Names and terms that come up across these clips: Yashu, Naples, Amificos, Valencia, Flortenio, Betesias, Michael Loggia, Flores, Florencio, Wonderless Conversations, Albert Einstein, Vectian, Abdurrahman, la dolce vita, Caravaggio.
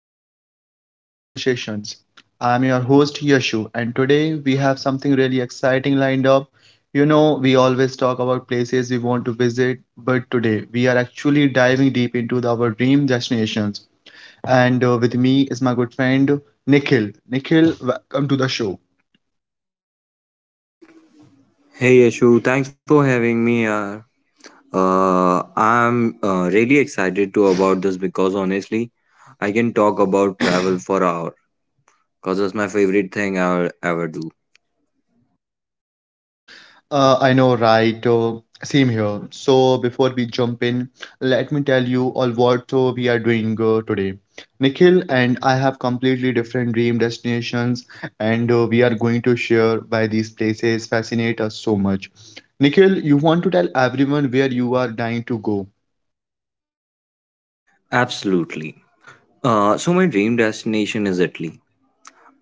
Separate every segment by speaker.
Speaker 1: episode of Wonderless Conversations. I'm your host, Yashu, and today we have something really exciting lined up. You know, we always talk about places we want to visit, but today we are actually diving deep into our dream destinations. And with me is my good friend, Nikhil. Nikhil, welcome to the show.
Speaker 2: Hey Yashu, thanks for having me. Yaar. I'm really excited to about this because honestly, I can talk about travel for hour because it's my favorite thing I'll ever do.
Speaker 1: I know, right? Same here. So, before we jump in, let me tell you all what we are doing today. Nikhil and I have completely different dream destinations, and we are going to share why these places fascinate us so much. Nikhil, you want to tell everyone where you are dying to go?
Speaker 2: Absolutely. So my dream destination is Italy,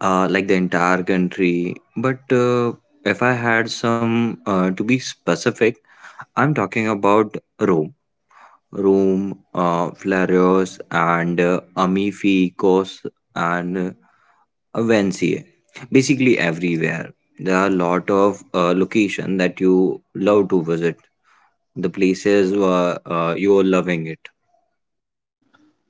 Speaker 2: like the entire country. But if I had some to be specific, I'm talking about Rome. Rome, Flores, and Amificos, and Valencia. Basically, everywhere. There are a lot of location that you love to visit. The places where you're loving it.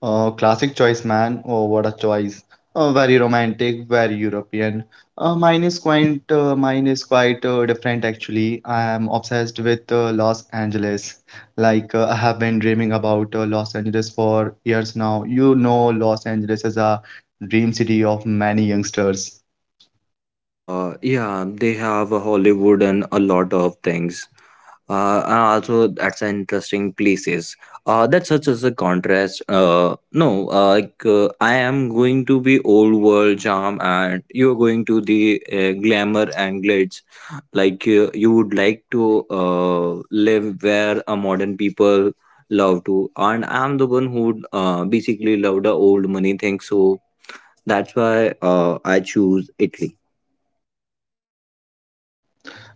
Speaker 1: Oh, classic choice, man. Oh, what a choice. Very romantic, very European. Mine is quite different, actually. I am obsessed with Los Angeles. Like I have been dreaming about Los Angeles for years now. You know, Los Angeles is a dream city of many youngsters.
Speaker 2: Yeah, they have a Hollywood and a lot of things. And also, that's an interesting places. That's such as a contrast. No, like I am going to be old world charm, and you are going to the glamour and glitz. Like you would like to live where a modern people love to, and I'm the one who would basically love the old money thing. So that's why I choose Italy.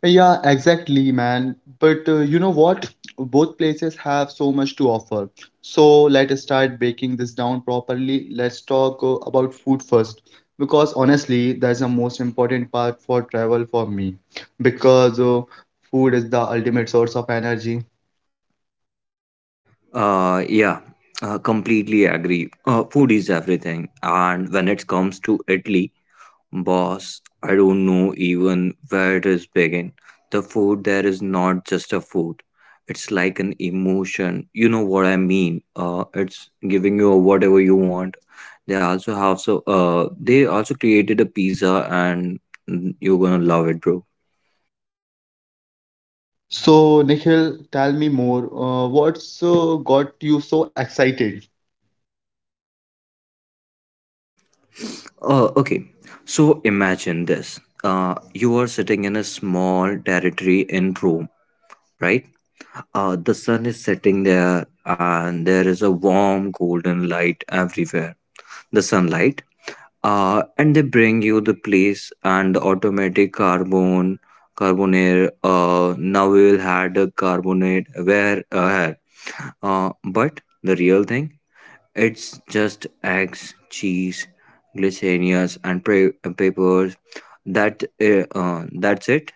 Speaker 1: Yeah, exactly, man. But you know what? Both places have so much to offer. So let's start breaking this down properly. Let's talk about food first, because honestly, that's the most important part for travel for me, because food is the ultimate source of energy.
Speaker 2: Yeah, completely agree. Food is everything, and when it comes to Italy, boss, I don't know even where to begin. The food there is not just a food; it's like an emotion. You know what I mean? It's giving you whatever you want. They also have they also created a pizza, and mm, you're gonna love it, bro.
Speaker 1: So, Nikhil, tell me more. What's got you so excited?
Speaker 2: Okay, so imagine this. You are sitting in a small territory in Rome, right? The sun is setting there, and there is a warm golden light everywhere. The sunlight, and they bring you the place and the automatic carbonate. Now we will had a carbonate where here. But the real thing it's just eggs, cheese, glycerinias, and peppers. That's it.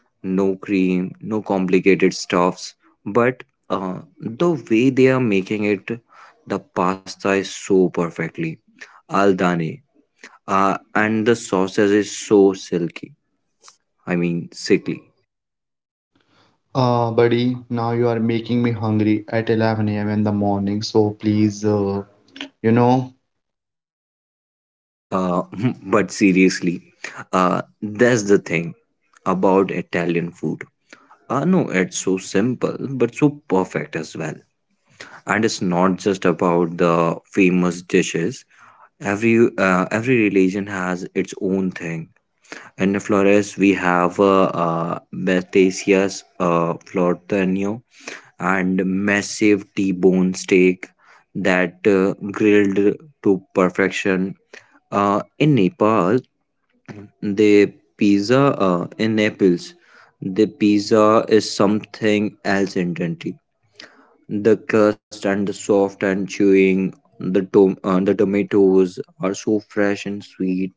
Speaker 2: No cream, no complicated stuffs. But the way they are making it, the pasta is so perfectly al dente, and the sausage is so silky. I mean, sickly.
Speaker 1: Buddy, now you are making me hungry at 11 a.m. in the morning. So pleaseyou know.
Speaker 2: Uh, but seriously, that's the thing about Italian food. I know it's so simple, but so perfect as well. And it's not just about the famous dishes. Every religion has its own thing. In Flores, we have Betesias Flortenio and massive T-bone steak that grilled to perfection. Uh, in Nepal, the pizza in Naples, the pizza is something else entirely. The crust and the soft and chewing, the the tomatoes are so fresh and sweet.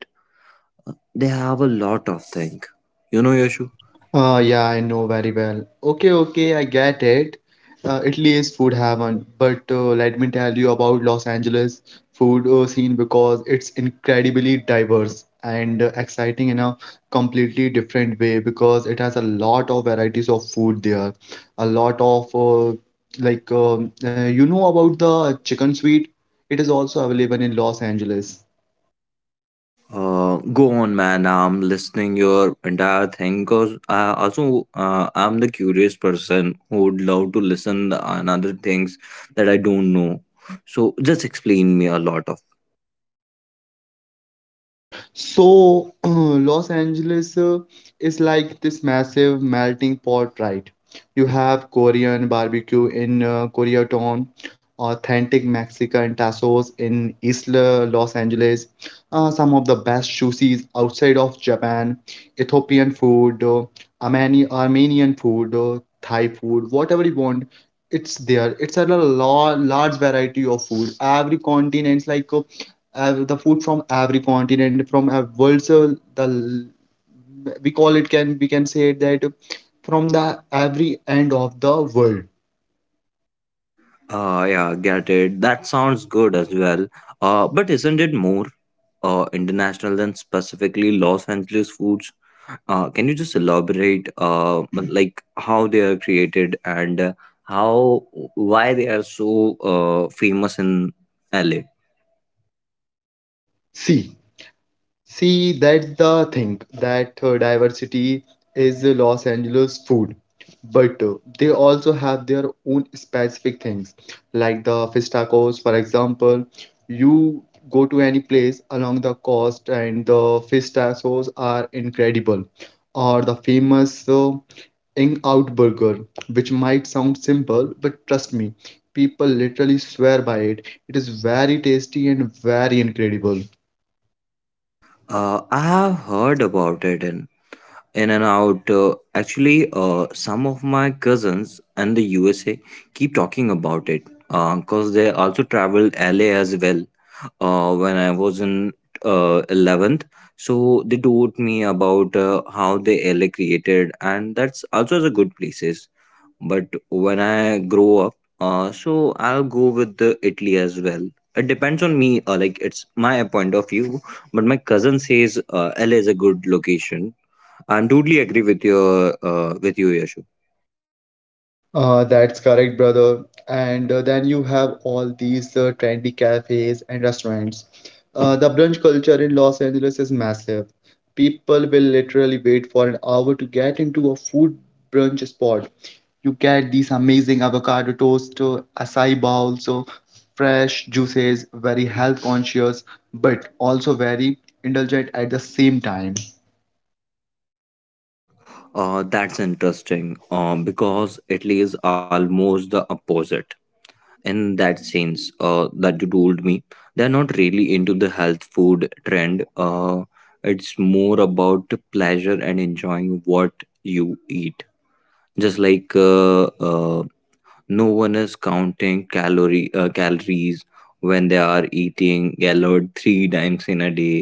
Speaker 2: They have a lot of thing.
Speaker 1: You know,
Speaker 2: You know,
Speaker 1: Yash.
Speaker 2: Yashu.
Speaker 1: Yeah, I know very well. Okay, okay, I get it. Italy is food heaven, but let me tell you about Los Angeles food scene because it's incredibly diverse and exciting in a completely different way because it has a lot of varieties of food there. A lot of you know about the chicken sweet. It is also available in Los Angeles.
Speaker 2: Go on, man. I'm listening your entire thing because I also I'm the curious person who would love to listen the another things that I don't know. So just explain me a lot of.
Speaker 1: So, Los Angeles is like this massive melting pot, right? You have Korean barbecue in Koreatown, authentic Mexican tacos in East Los Angeles, some of the best sushis outside of Japan, Ethiopian food, Armenian food, Thai food, whatever you want. It's there. It's a lot, large variety of food. Every continent's like the food from every continent from a world, so the we call it, can we can say that, from the every end of the world.
Speaker 2: Yeah, get it. That sounds good as well. But isn't it more international than specifically Los Angeles foods? Can you just elaborate, but like how they are created and how why they are so famous in LA?
Speaker 1: see See, that's the thing that diversity is Los Angeles food, but they also have their own specific things, like the fish tacos, for example. You go to any place along the coast, and the fish tacos are incredible, or the famous In Out Burger, which might sound simple, but trust me, people literally swear by it. It is very tasty and very incredible.
Speaker 2: I have heard about it in and out. Actually, some of my cousins in the USA keep talking about it because they also travel LA as well. When I was in 11th. So they taught me about how the LA created, and that's also a good places. But when I grow up, so I'll go with the Italy as well. It depends on me. Like it's my point of view, but my cousin says LA is a good location. I'm totally agree with your with you, Yashu.
Speaker 1: That's correct, brother. And then you have all these trendy cafes and restaurants. The brunch culture in Los Angeles is massive. People will literally wait for an hour to get into a food brunch spot. You get these amazing avocado toast, acai bowls, so fresh juices, very health conscious, but also very indulgent at the same time.
Speaker 2: Mhm. That's interesting because Italy is almost the opposite. In that sense that you told me they're not really into the health food trend, it's more about the pleasure and enjoying what you eat, just like no one is counting calories when they are eating gallard 3 times in a day.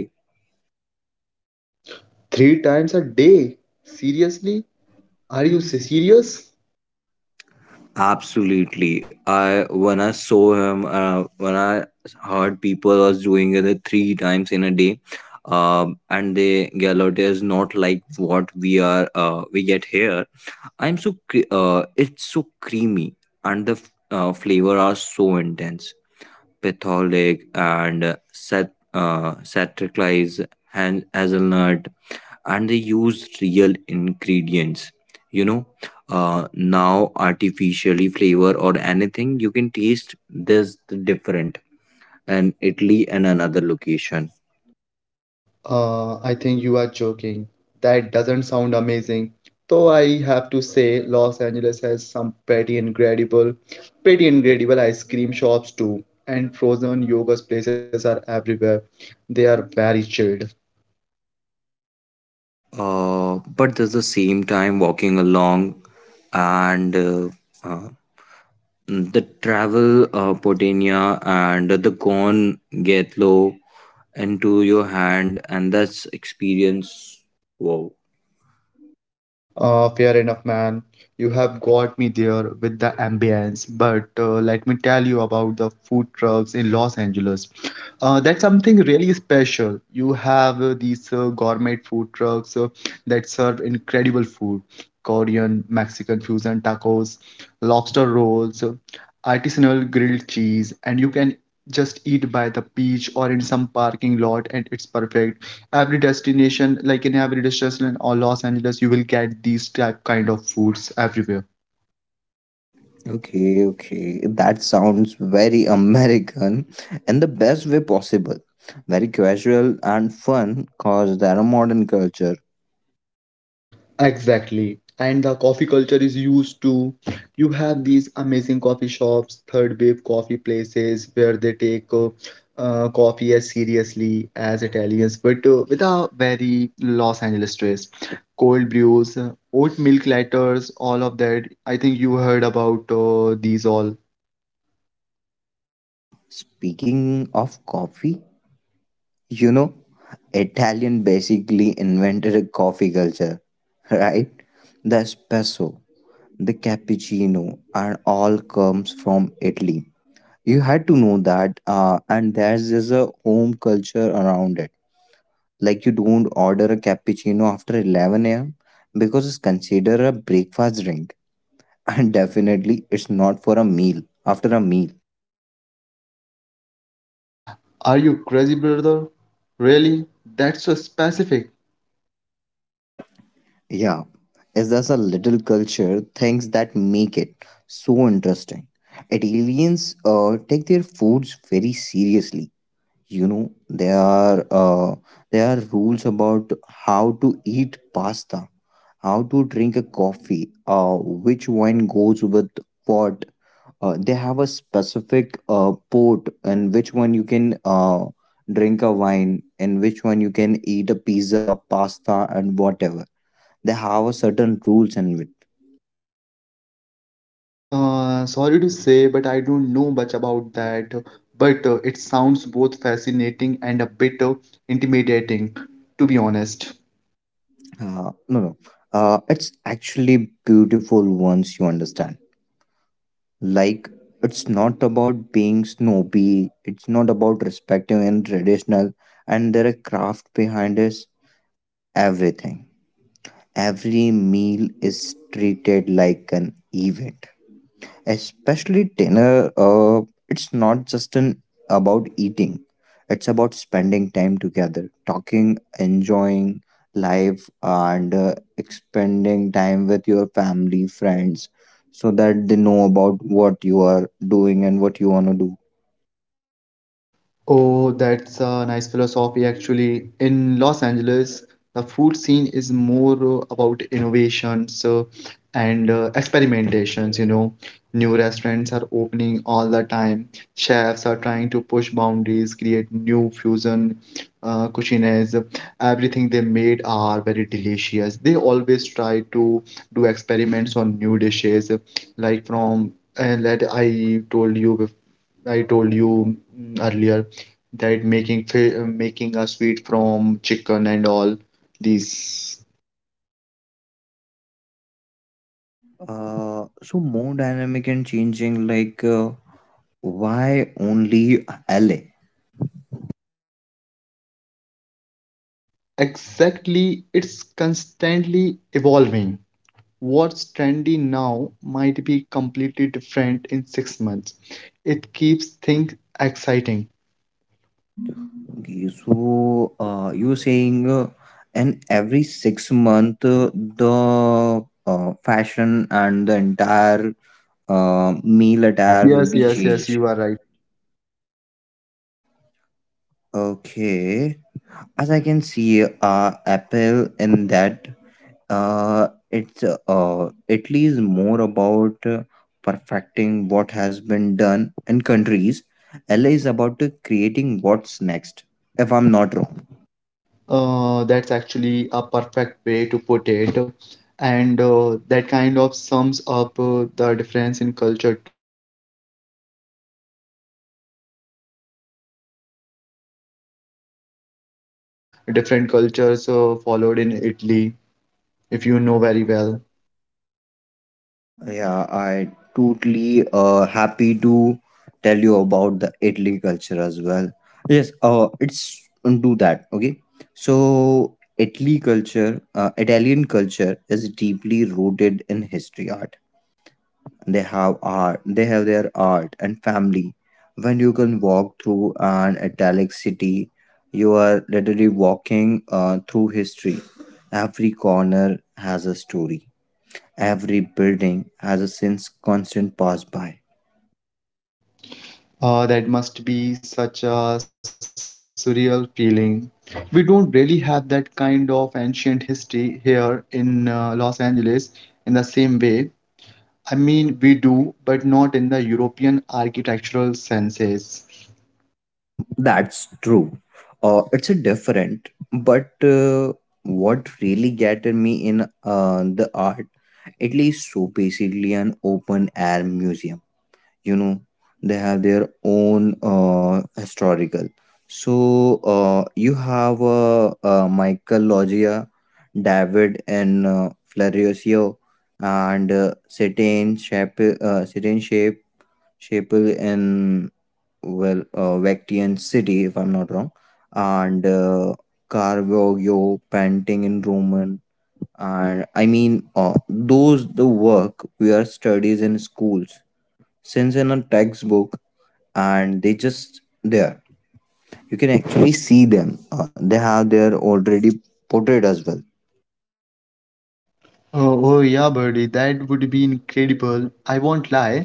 Speaker 1: Three times a day? Seriously? Are you serious?
Speaker 2: Absolutely. I when I saw him, when I heard people was doing it 3 times in a day, and they galote is not like what we are. We get here. I'm it's so creamy, and the flavor are so intense. Petholic and set satriclize, hazelnut, and they used real ingredients, you know, now artificially flavor or anything you can taste this different, and Italy and another location.
Speaker 1: I think you are joking. That doesn't sound amazing. Though I have to say, Los Angeles has some pretty incredible ice cream shops too. And frozen yogurt places are everywhere. They are very chilled.
Speaker 2: But at the same time walking along and uh, the travel potenia and the corn get low into your hand, and that's experience. Wow.
Speaker 1: Fair enough, man. You have got me there with the ambience, but let me tell you about the food trucks in Los Angeles. That's something really special. You have these gourmet food trucks that serve incredible food, Korean, Mexican fusion tacos, lobster rolls, artisanal grilled cheese, and you can just eat by the beach or in some parking lot, and it's perfect. Every destination like In every destination or Los Angeles, you will get these type kind of foods everywhere.
Speaker 2: Okay, okay. That sounds very American in the best way possible. Very casual and fun because they're a modern culture.
Speaker 1: Exactly. And the coffee culture is used to. You have these amazing coffee shops, third wave coffee places where they take coffee as seriously as Italians, but with a very Los Angeles twist. Cold brews, oat milk lattes, all of that. I think you heard about these all.
Speaker 2: Speaking of coffee, you know, Italian basically invented a coffee culture, right? The espresso, the cappuccino, and all comes from Italy. You had to know that, and there's just a home culture around it. Like you don't order a cappuccino after 11 a.m. because it's considered a breakfast drink. And definitely it's not for a meal, after a meal.
Speaker 1: Are you crazy, brother? Really? That's so specific.
Speaker 2: Yeah, it's just a little culture things that make it so interesting. Italians take their foods very seriously. You know, there are rules about how to eat pasta, how to drink a coffee, which wine goes with what. They have a specific port, and which one you can drink a wine, and which one you can eat a pizza pasta and whatever. They have a certain rules in it.
Speaker 1: Sorry to say, but I don't know much about that. But it sounds both fascinating and a bit intimidating, to be honest.
Speaker 2: No, no, it's actually beautiful once you understand. Like, it's not about being snobby, it's not about respecting and traditional, and there are craft behind us, everything. Every meal is treated like an event, especially dinner. It's not just an about eating, it's about spending time together, talking, enjoying life, and spending time with your family friends, so that they know about what you are doing and what you want to do.
Speaker 1: Oh, that's a nice philosophy, actually. In Los Angeles, the food scene is more about innovations and experimentations. New restaurants are opening all the time. Chefs are trying to push boundaries, create new fusion cuisines. Everything they made are very delicious. They always try to do experiments on new dishes, like from and that I told you before. I told you earlier that making making us sweet from chicken and all these.
Speaker 2: So more dynamic and changing, like why only LA?
Speaker 1: Exactly, it's constantly evolving. What's trendy now might be completely different in 6 months. It keeps things exciting.
Speaker 2: Okay, so you're saying, and every 6 month, the fashion and the entire meal attire will
Speaker 1: Yes,
Speaker 2: be, yes, yes, yes,
Speaker 1: yes, yes,
Speaker 2: changed.
Speaker 1: you are right.
Speaker 2: Okay, as I can see, Apple in that, it's Italy is more about perfecting what has been done in countries. LA is about creating what's next, if I'm not wrong.
Speaker 1: That's actually a perfect way to put it. And that kind of sums up the difference in culture too, doesn't it? Let's talk about the culture of both places. Just let me know some different cultures followed in Italy, if you know very well.
Speaker 2: Yeah, I totally happy to tell you about the Italy culture as well. Yes, it's do that. Okay, so Italy culture, Italian culture is deeply rooted in history, art. They have art. They have their art and family. When you can walk through an Italic city, you are literally walking through history. Every corner has a story. Every building has a since constant passed by.
Speaker 1: That must be such a surreal feeling. We don't really have that kind of ancient history here in Los Angeles in the same way. I mean, we do, but not in the European architectural senses.
Speaker 2: That's true. It's a different, but what really gathered me in the art, at least so basically an open air museum. You know, they have their own historical. So you have Michael Loggia, David, and Florencio, and certain shape Sheppel in, well, Vectian city, if I'm not wrong, and Caravaggio painting in Roman, and I mean those the work we are studies in schools since in a textbook, and they just there. You can actually see them. They have their already portrayed as well.
Speaker 1: Oh, oh yeah, buddy, that would be incredible. I won't lie.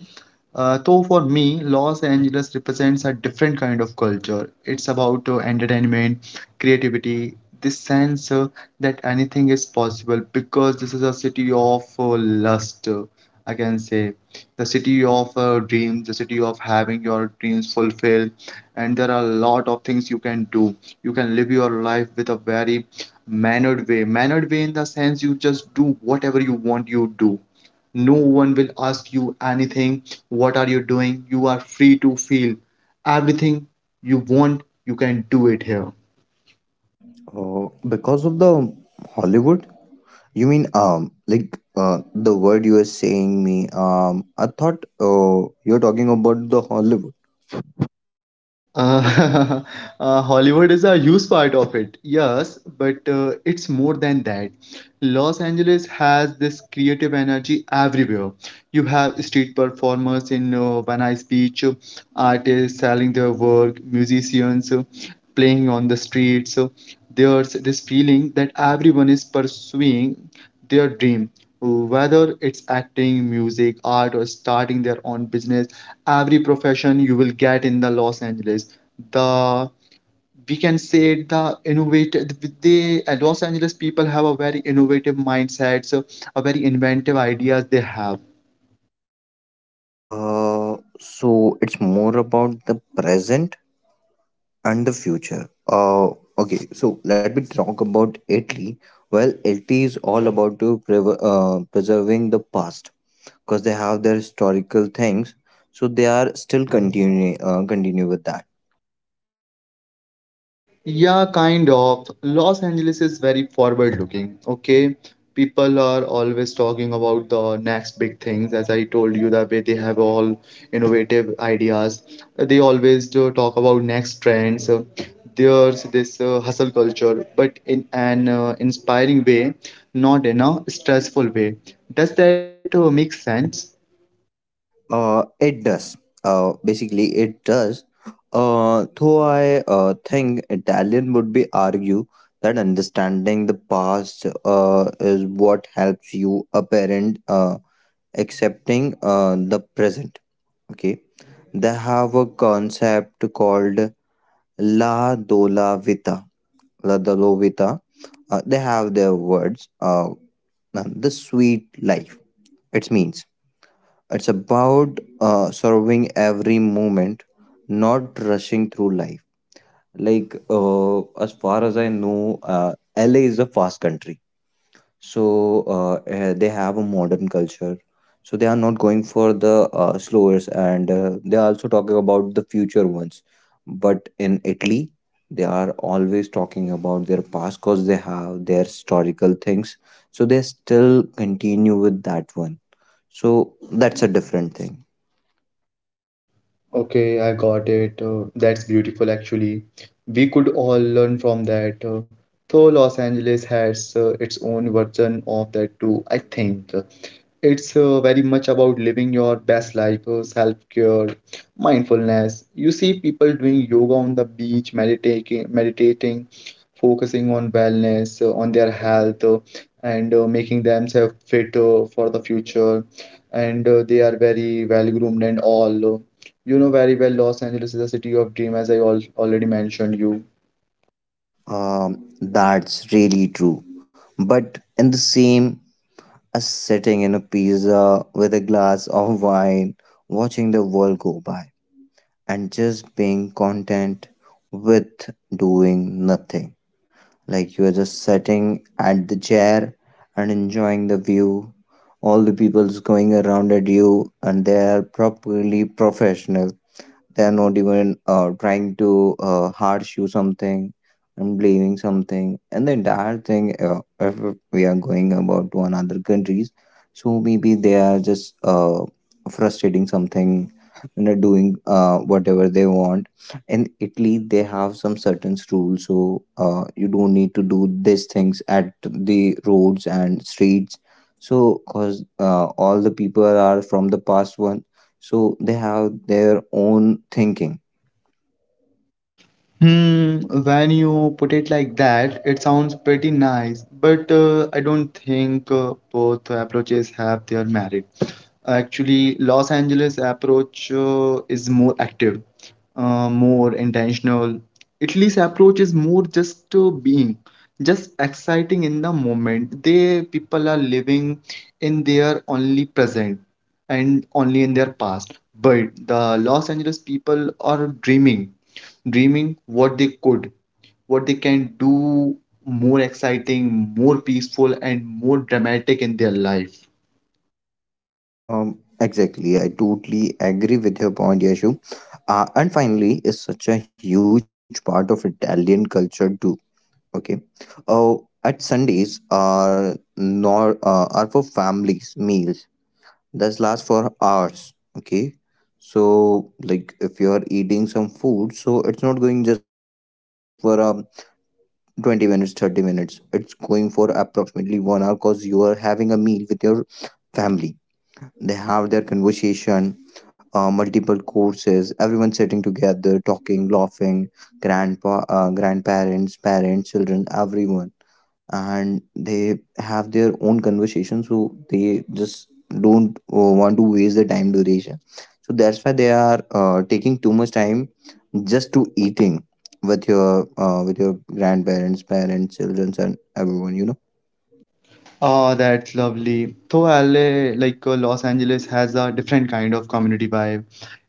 Speaker 1: Though for me, Los Angeles represents a different kind of culture. It's about entertainment, creativity, this sense that anything is possible because this is a city of lust, I can say. The city of dreams, the city of having your dreams fulfilled. And there are a lot of things you can do. You can live your life with a very mannered way. Mannered way in the sense you just do whatever you want, you do. No one will ask you anything. What are you doing? You are free to feel everything you want, you can do it here.
Speaker 2: Because of the Hollywood, you mean? Like the word you were saying me, I thought you're talking about the Hollywood.
Speaker 1: Uh, Hollywood is a huge part of it, yes, but it's more than that. Los Angeles has this creative energy everywhere. You have street performers in Van Beach, artists selling their work, musicians playing on the streets. So there's this feeling that everyone is pursuing their dream. Whether it's acting, music, art, or starting their own business, every profession you will get in the Los Angeles. The, we can say, the innovative, the Los Angeles people have a very innovative mindset, so a very inventive ideas they have.
Speaker 2: So it's more about the present and the future. Okay, so let me talk about Italy. Well, Italy is all about to prever preserving the past because they have their historical things, so they are still continuing continue with that.
Speaker 1: Yeah, kind of. Los Angeles is very forward looking, okay? People are always talking about the next big things. As I told you, that way they have all innovative ideas. They always do talk about next trends. There's this hustle culture, but in an inspiring way, not in a stressful way. Does that make sense?
Speaker 2: It does. Basically, it does. Though I think Italian would be argue that understanding the past is what helps you apparent accepting the present. Okay, they have a concept called la dola vita, la dolovita. They have their words. The sweet life. It means. It's about serving every moment, not rushing through life. Like, as far as I know, LA is a fast country. So, they have a modern culture. So, they are not going for the slowers, and they are also talking about the future ones. But in Italy, they are always talking about their past because they have their historical things. So, they still continue with that one. So, that's a different thing.
Speaker 1: Okay, I got it. That's beautiful, actually. We could all learn from that. So Los Angeles has its own version of that too, I think it's very much about living your best life, self-care, mindfulness. You see people doing yoga on the beach, meditating, focusing on wellness, on their health, and making themselves fit for the future. And they are very well groomed and all. You know very well, Los Angeles is a city of dream, as I al already mentioned you.
Speaker 2: That's really true. But in the same as sitting in a pizza with a glass of wine, watching the world go by, and just being content with doing nothing. Like you are just sitting at the chair and enjoying the view. All the people's going around at you, and they are properly professional, they are not even trying to harsh you something and blaming something and the entire thing, if we are going about to another countries, so maybe they are just frustrating something and are doing whatever they want. In italy they have some certain rules, so you don't need to do these things at the roads and streets. So because all the people are from the past one, so they have their own thinking.
Speaker 1: Hmm, when you put it like that, it sounds pretty nice, but I don't think both approaches have their merit. Actually, Los Angeles approach is more active, more intentional. Italy's approach is more just being, just exciting in the moment. They people are living in their only present and only in their past. But the Los Angeles people are dreaming what they could, what they can do more exciting, more peaceful, and more dramatic in their life.
Speaker 2: Exactly, I totally agree with your point, Yashu. And finally is such a huge part of Italian culture too. Okay. Oh, at sundays are nor are for families meals that last for hours. Okay. So like if you are eating some food, so it's not going just for 20 minutes, 30 minutes. It's going for approximately 1 hour because you are having a meal with your family. They have their conversation, multiple courses, everyone sitting together, talking, laughing, grandpa, grandparents, parents, children, everyone. And they have their own conversation, so they just don't want to waste the time duration. So that's why they are taking too much time just to eating with your with your grandparents, parents, children, and everyone. You know.
Speaker 1: Oh, that's lovely. Though LA, like Los Angeles, has a different kind of community vibe.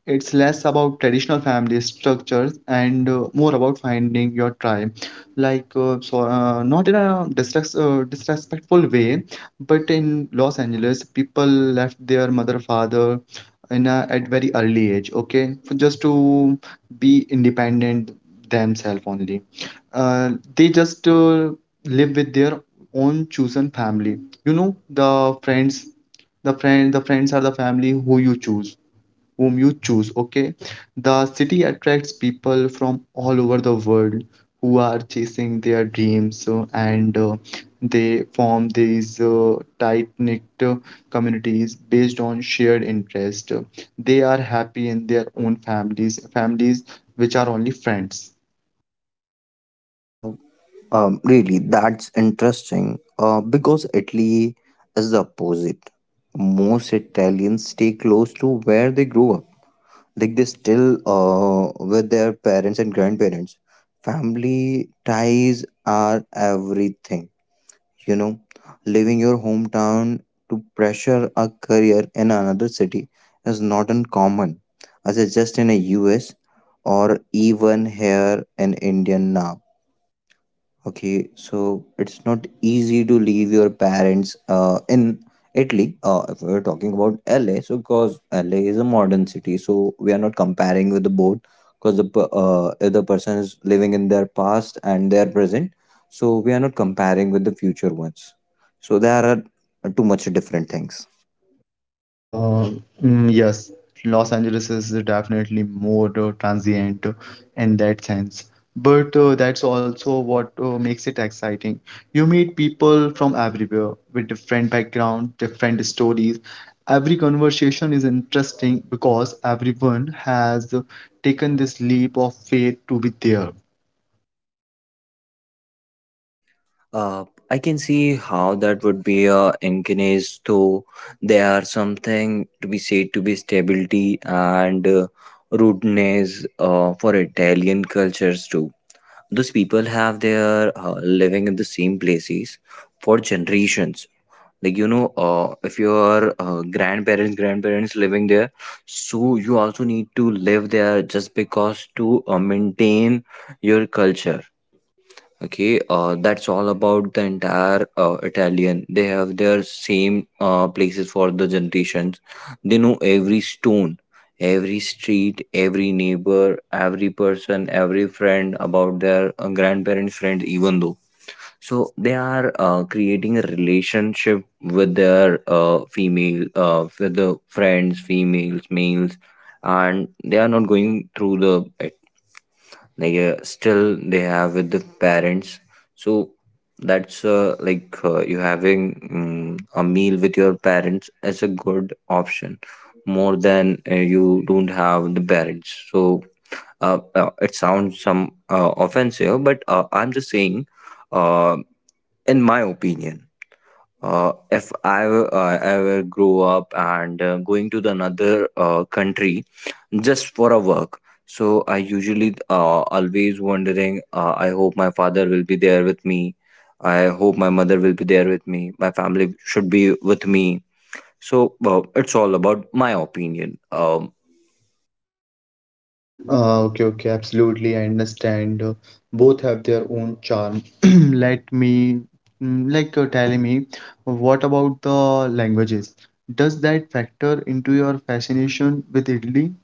Speaker 1: It's less about traditional family structures and more about finding your tribe. Like, so not in a disrespectful way, but in Los Angeles, people left their mother, father at very early age, okay, for just to be independent themselves only. Uh, they just live with their own chosen family. You know, the friends friends are the family who you choose, whom you choose, okay? The city attracts people from all over the world who are chasing their dreams, and they form these tight-knit communities based on shared interest. They are happy in their own families which are only friends.
Speaker 2: Uh, Really, that's interesting, because Italy is the opposite. Most Italians stay close to where they grew up. Like they still with their parents and grandparents. Family ties are everything, you know. Leaving your hometown to pressure a career in another city is not uncommon, as it's just in the US or even here in India now. Okay, so it's not easy to leave your parents in Italy. If we're talking about LA, so because LA is a modern city, so we are not comparing with the boat because if the person is living in their past and their present, so we are not comparing with the future ones. So there are too much different things.
Speaker 1: Uh, yes, Los Angeles is definitely more transient in that sense, but that's also what makes it exciting. You meet people from everywhere with different background, different stories. Every conversation is interesting because everyone has taken this leap of faith to be there.
Speaker 2: I can see how that would be a inconvenience, though there are something to be said to be stability and rudeness for Italian cultures too. Those people have their living in the same places for generations. Like you know, if your grandparents, living there, so you also need to live there just because to maintain your culture. Okay, that's all about the entire Italian. They have their same places for the generations. They know every stone, every street, every neighbor, every person, every friend about their grandparents' friends, even though. So they are creating a relationship with their with the friends, females, males, and they are not going through the like still they have with the parents. So that's like, you having a meal with your parents as a good option more than you don't have the parents. So it sounds some offensive, but I'm just saying, uh, in my opinion, if ever grow up and going to the another country just for a work, so I usually always wondering. I hope my father will be there with me. I hope my mother will be there with me. My family should be with me. So it's all about my opinion.
Speaker 1: Okay, okay, absolutely. I understand. Both have their own charm. Let me, mm, like, Telling me, what about the languages? Does that factor into your fascination with Italy?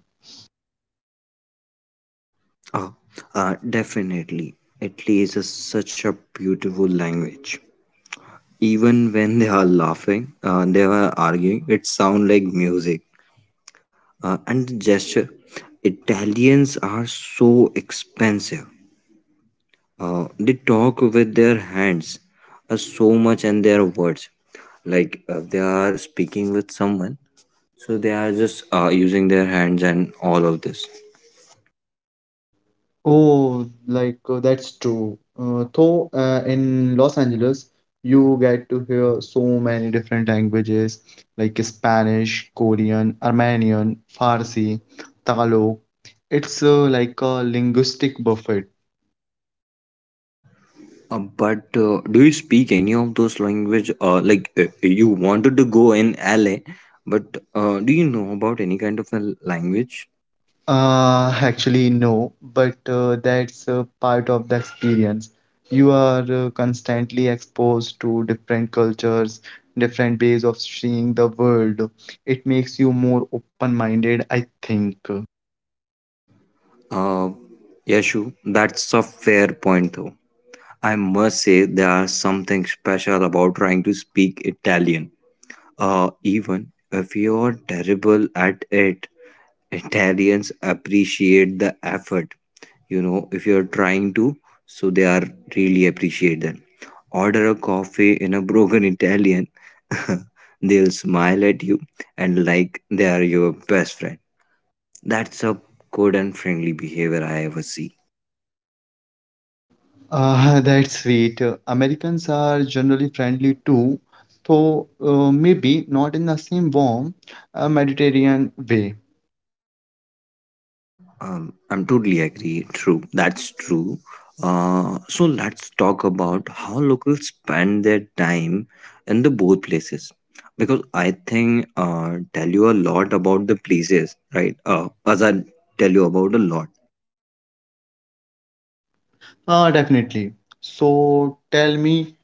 Speaker 2: Uh, Definitely. Italy is a, such a beautiful language. Even when they are laughing, they are arguing, it sounds like music. And the gesture. Italians are so expensive. They talk with their hands so much and their words. Like they are speaking with someone, so they are just using their hands and all of this.
Speaker 1: Oh, that's true. Though, in Los Angeles, you get to hear so many different languages like Spanish, Korean, Armenian, Farsi, Tagalog. It's like a linguistic buffet.
Speaker 2: But do you speak any of those language? You wanted to go in LA, but do you know about any kind of a language?
Speaker 1: Actually, no, but that's part of the experience. You are constantly exposed to different cultures, different ways of seeing the world. It makes you more open-minded, I think.
Speaker 2: Uh, Yashu, that's a fair point though. I must say there's something special about trying to speak Italian. Even if you're terrible at it, Italians appreciate the effort. You know, if you're trying to, so they are really appreciate that. Order a coffee in a broken Italian, they'll smile at you and like they are your best friend. That's a good and friendly behavior I ever see.
Speaker 1: Ah, that's sweet. Americans are generally friendly too, though maybe not in the same warm Mediterranean way.
Speaker 2: Uh, I'm totally agree. True, that's true. So let's talk about how locals spend their time in the both places, because I think, tell you a lot about the places, right? As I tell you about a lot.
Speaker 1: Ah, definitely. So tell me,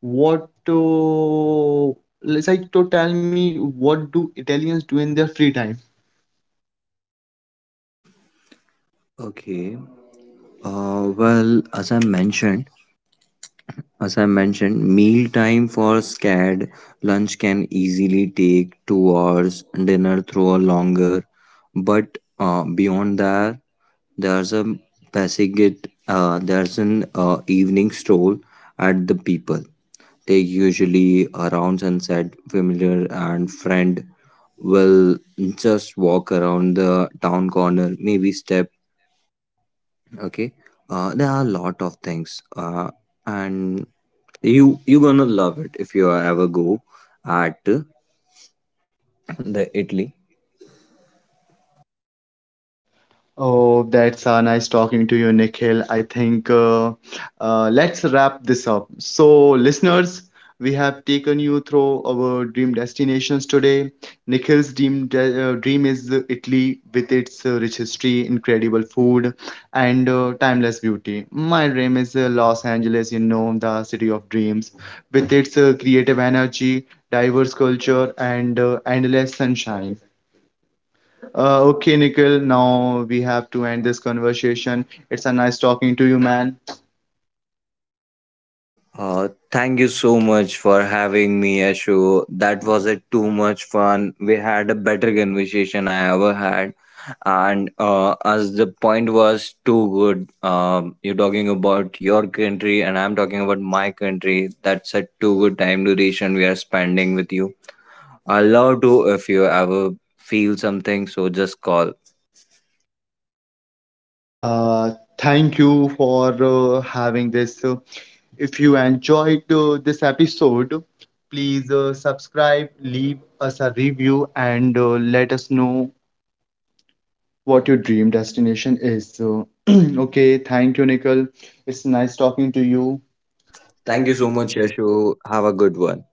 Speaker 1: what it's like to tell me what do Italians do in their free time?
Speaker 2: Okay. Well, as I mentioned, meal time for SCAD, lunch can easily take 2 hours, dinner through a longer. But beyond that, there's a there's an evening stroll at the people. They usually around sunset, familiar and friend will just walk around the town corner, maybe step. Okay, there are a lot of things, and you gonna love it if you ever go at the italy.
Speaker 1: Oh, that's nice talking to you, Nikhil. I think let's wrap this up. So, listeners, we have taken you through our dream destinations today. Nikhil's dream dream is Italy with its rich history, incredible food, and timeless beauty. My dream is Los Angeles, you know, the city of dreams, with its creative energy, diverse culture, and endless sunshine. Okay, Nikhil, now we have to end this conversation. It's a nice talking to you, man.
Speaker 2: Uh, thank you so much for having me, Ashu. That was it, too much fun. We had a better conversation I ever had. And as the point was too good. You're talking about your country and I'm talking about my country. That's a too good time duration we are spending with you. I'll love to if you ever feel something, so just call.
Speaker 1: Uh, Thank you for having this. If you enjoyed this episode, please subscribe, leave us a review, and let us know what your dream destination is. So, okay, thank you, Nikhil. It's nice talking to you.
Speaker 2: Thank
Speaker 1: Thank
Speaker 2: you
Speaker 1: you
Speaker 2: so
Speaker 1: so
Speaker 2: much,
Speaker 1: much,
Speaker 2: Yashu. Have a good one.